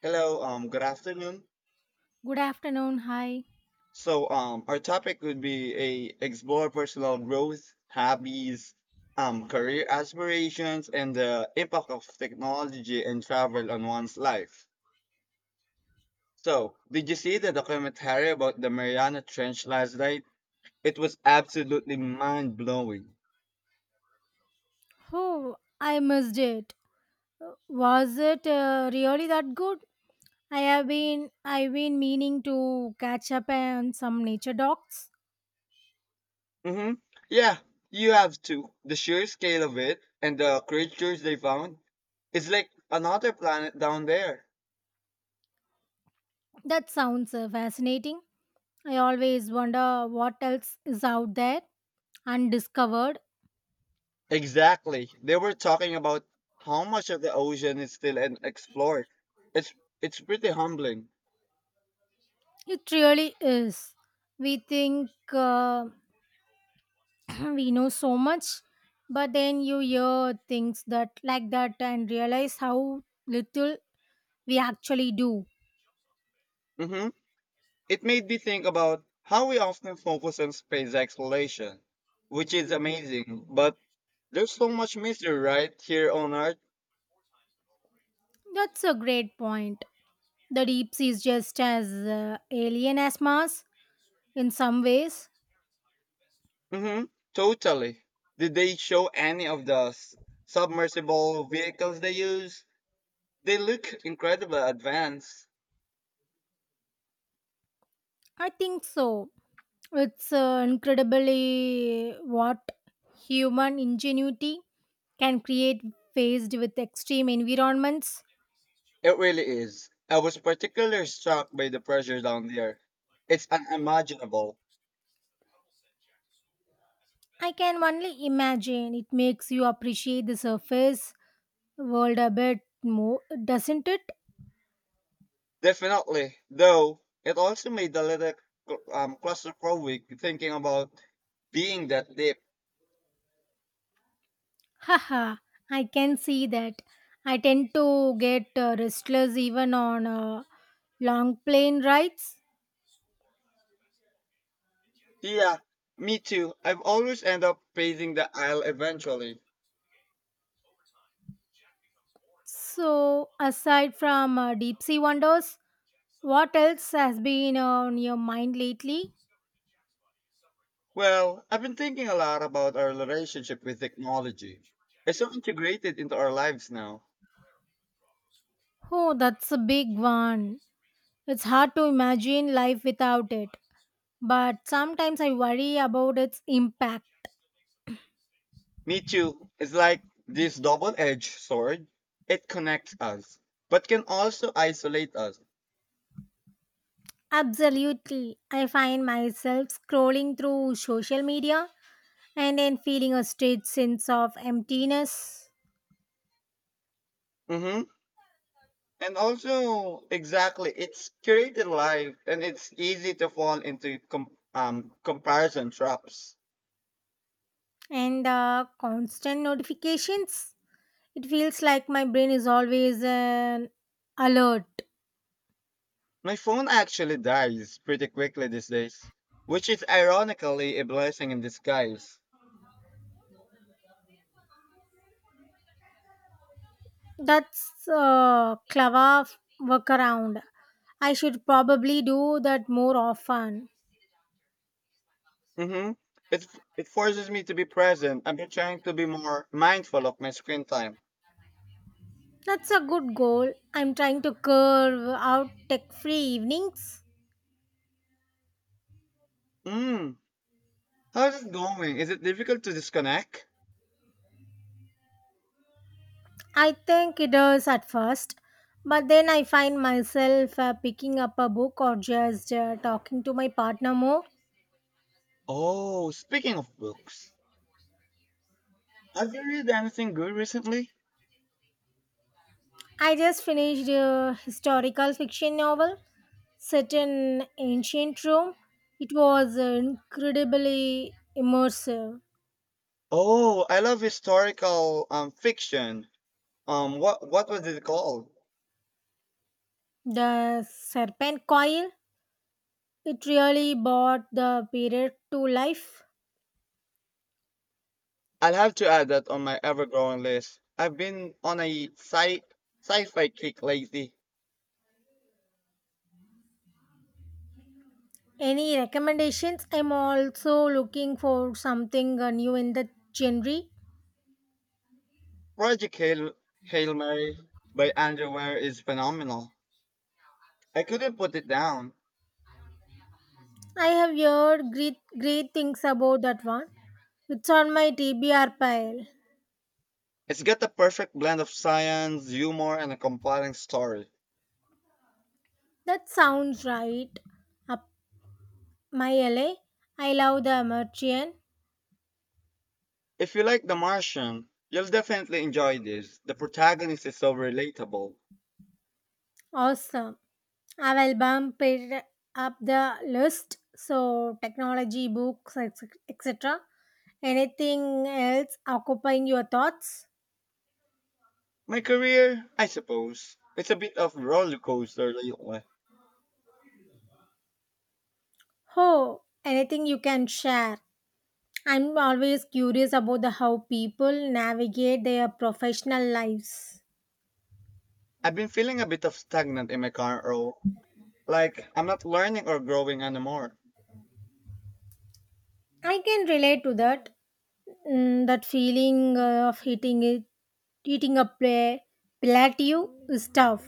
Hello, good afternoon. Good afternoon. Hi. So, our topic would be a explore personal growth, hobbies, career aspirations, and the impact of technology and travel on one's life. So, did you see the documentary about the Mariana Trench last night? It was absolutely mind blowing. Oh, I missed it. Was it really that good? I've been meaning to catch up on some nature docs. Mm-hmm. Yeah, you have to. The sheer scale of it and the creatures they found. It's like another planet down there. That sounds fascinating. I always wonder what else is out there undiscovered. Exactly. They were talking about how much of the ocean is still unexplored. It's it's pretty humbling. It really is. We think we know so much, but then you hear things that like that and realize how little we actually do. Hmm. It made me think about how we often focus on space exploration, which is amazing, but there's so much mystery right here on Earth. That's a great point. The deep sea is just as alien as Mars in some ways. Hmm. Totally. Did they show any of the submersible vehicles they use? They look incredibly advanced. I think so. It's incredibly what human ingenuity can create faced with extreme environments. It really is. I was particularly struck by the pressure down there. It's unimaginable. I can only imagine it makes you appreciate the surface world a bit more, doesn't it? Definitely. Though, it also made a little claustrophobic thinking about being that deep. Haha, I can see that. I tend to get restless even on long plane rides. Yeah, me too. I've always end up facing the aisle eventually. So, aside from deep sea wonders, what else has been on your mind lately? Well, I've been thinking a lot about our relationship with technology. It's so integrated into our lives now. Oh, that's a big one. It's hard to imagine life without it, but sometimes I worry about its impact. Me too. It's like this double-edged sword. It connects us, but can also isolate us. Absolutely. I find myself scrolling through social media and then feeling a strange sense of emptiness Hmm. And also, exactly, it's curated life, and it's easy to fall into comparison traps. and constant notifications. It feels like my brain is always an alert. My phone actually dies pretty quickly these days, which is ironically a blessing in disguise. That's a clever workaround. I should probably do that more often. Hmm. It it forces me to be present and be trying to be more mindful of my screen time. That's a good goal. I'm trying to curve out tech free evenings. Mm. How's it going? Is it difficult to disconnect? I think it is at first, but then I find myself picking up a book or just talking to my partner more. Oh, speaking of books, have you read anything good recently? I just finished a historical fiction novel set in ancient Rome. It was incredibly immersive. Oh, I love historical fiction. What was it called? The serpent coil, it really brought the period to life. I'll have to add that on my ever-growing list. I've been on a sci-fi kick lately. Any recommendations? I'm also looking for something new in the genre. Project Hail Mary by Andrew Ware is phenomenal. I couldn't put it down. I have heard great, great things about that one. It's on my TBR pile. It's got the perfect blend of science, humor, and a compelling story. That sounds right. Up my LA. I love the Merchant. If you like The Martian, you'll definitely enjoy this. The protagonist is so relatable. Awesome. I will bump it up the list. So, technology, books, etc. Anything else occupying your thoughts? My career, I suppose, it's a bit of roller coaster lately. Oh, anything you can share. I'm always curious about the how people navigate their professional lives. I've been feeling a bit of stagnant in my current role, like I'm not learning or growing anymore. I can relate to that. Mm, that feeling of hitting it, eating a pla- plateau is tough.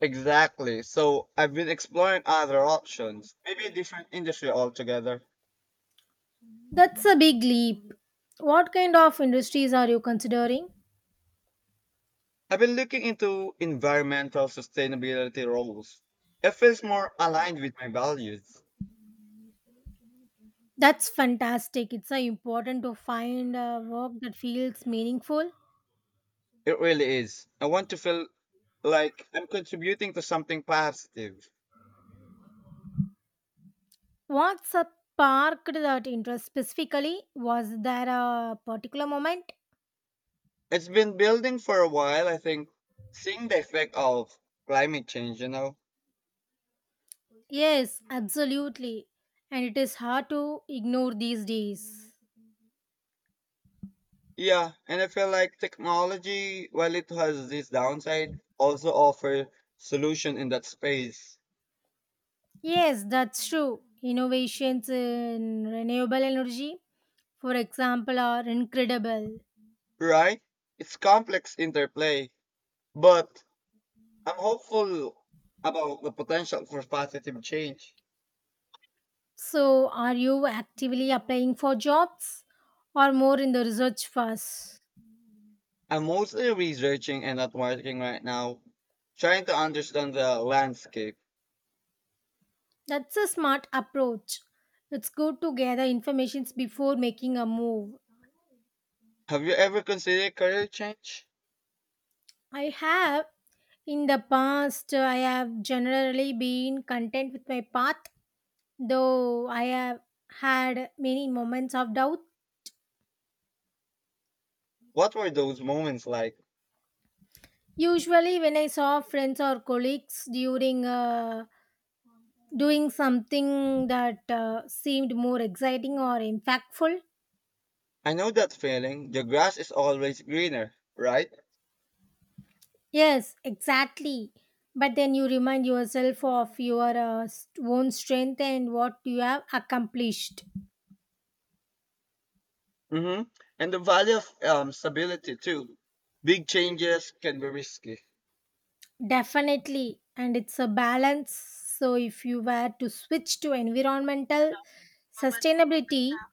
Exactly. So I've been exploring other options, maybe a different industry altogether. That's a big leap. What kind of industries are you considering? I've been looking into environmental sustainability roles. It feels more aligned with my values. That's fantastic. It's important to find a work that feels meaningful. It really is. I want to feel like I'm contributing to something positive. What's a sparked that interest specifically? Was there a particular moment? It's been building for a while, I think, seeing the effect of climate change, you know? Yes, absolutely. And it is hard to ignore these days. Yeah, and I feel like technology, while it has this downside, also offer solution in that space, Yes, that's true. Innovations in renewable energy, for example, are incredible. right? It's complex interplay, but I'm hopeful about the potential for positive change. So, are you actively applying for jobs or more in the research phase? I'm mostly researching and not working right now, trying to understand the landscape. That's a smart approach. It's good to gather informations before making a move. Have you ever considered career change? I have in the past. I have generally been content with my path, though I have had many moments of doubt. What were those moments like? Usually when I saw friends or colleagues during doing something that seemed more exciting or impactful. I know that feeling. The grass is always greener, right? Yes, exactly. But then you remind yourself of your own strength and what you have accomplished. Mm-hmm. And the value of stability too. Big changes can be risky. Definitely. And it's a balance. So if you were to switch to environmental sustainability,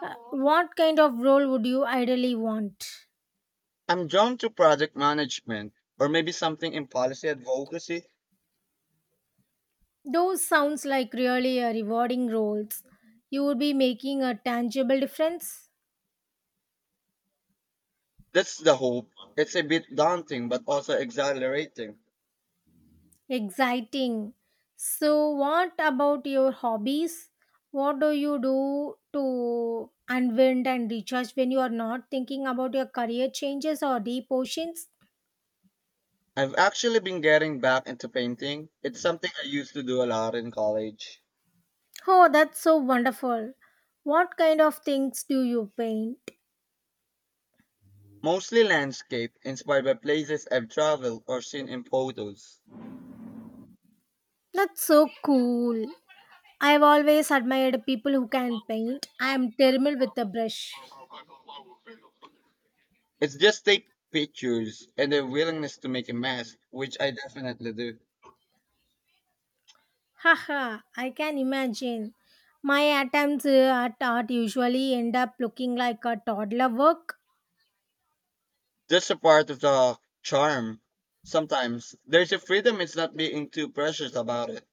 what kind of role would you ideally want? I'm drawn to project management or maybe something in policy advocacy. Those sounds like really rewarding roles. You would be making a tangible difference. That's the hope. It's a bit daunting but also exhilarating. Exciting. So, what about your hobbies? What do you do to unwind and recharge when you are not thinking about your career changes or deep oceans? I've actually been getting back into painting. It's something I used to do a lot in college. Oh, that's so wonderful. What kind of things do you paint? Mostly landscape, inspired by places I've traveled or seen in photos. That's so cool. I've always admired people who can paint. I am terrible with a brush. It's just take pictures and the willingness to make a mess, which I definitely do. Haha, I can imagine. My attempts at art usually end up looking like a toddler work. That's a part of the charm. Sometimes there's a freedom it's not being too precious about it.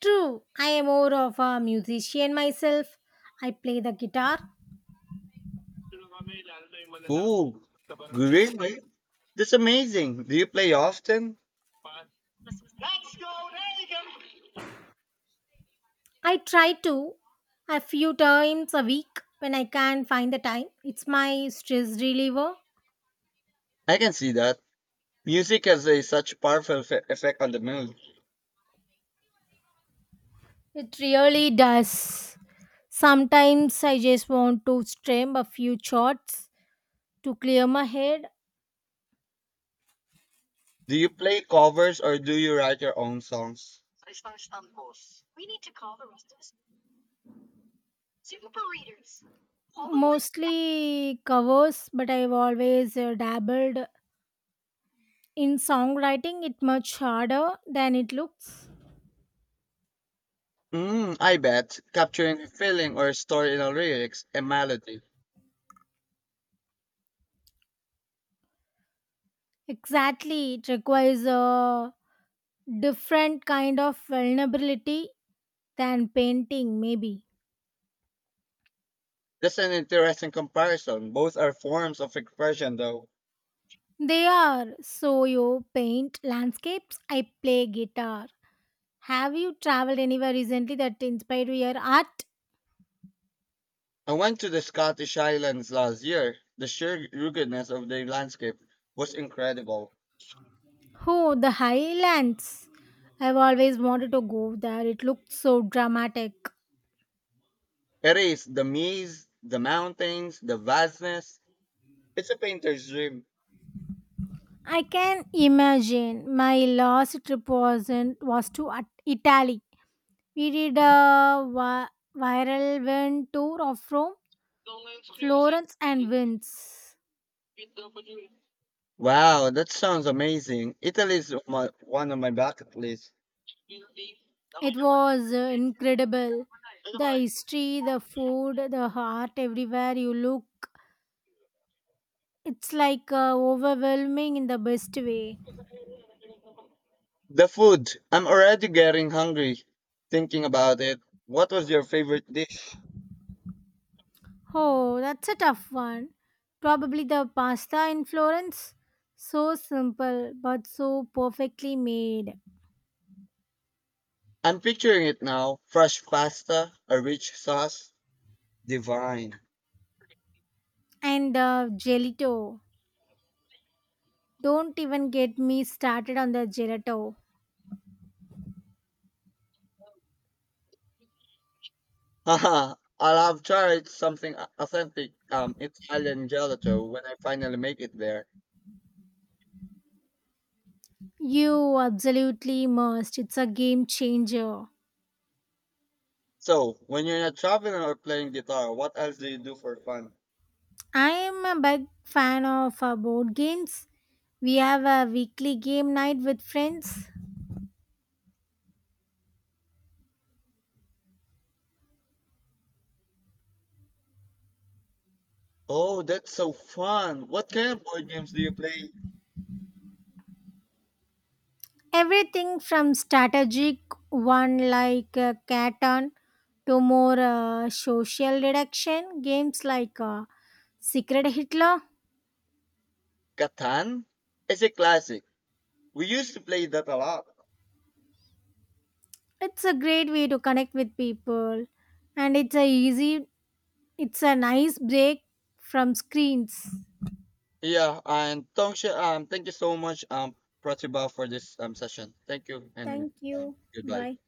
True, I am more of a musician myself. I play the guitar. Ooh, greenery? That's amazing. Do you play often? I try to a few times a week when I can find the time. It's my stress reliever. I can see that. Music has a such powerful effect on the mood. It really does. Sometimes I just want to strum a few chords to clear my head. Do you play covers or do you write your own songs? Mostly covers, but I've always dabbled in songwriting. It much harder than it looks. Mm, I bet. Capturing a feeling or a story in a lyrics and melody. Exactly, it requires a different kind of vulnerability than painting. Maybe That's an interesting comparison. Both are forms of expression, though. they are. So you paint landscapes. I play guitar. Have you traveled anywhere recently that inspired your art? I went to the Scottish Highlands last year. The sheer ruggedness of the landscape was incredible. Oh, the highlands. I've always wanted to go there. It looks so dramatic. It is the maze, the mountains, the vastness. It's a painter's dream. I can imagine. My last trip was to Italy. We did a viral van tour of Rome, Florence, and Venice. Wow, that sounds amazing. Italy is my, one of my bucket lists. It was incredible. The history, the food, the art, everywhere you look, it's like overwhelming in the best way. The food, I'm already getting hungry thinking about it. What was your favorite dish? Oh, that's a tough one. Probably the pasta in Florence. So simple, but so perfectly made. I'm picturing it now. Fresh pasta, a rich sauce, divine. And gelato. Don't even get me started on the gelato. Haha, I'll have tried something authentic Italian gelato when I finally make it there. You absolutely must. It's a game changer. So, when you're not traveling or playing guitar, what else do you do for fun? I am a big fan of board games. We have a weekly game night with friends. Oh, that's so fun. What kind of board games do you play? Everything from strategic one like Catan to more social deduction games like Secret Hitler. Catan is a classic. We used to play that a lot. It's a great way to connect with people and it's a easy. It's a nice break from screens. Yeah, and Tongsha, thank you so much, Pratibha, for this session. Thank you, and Thank you. goodbye. Bye.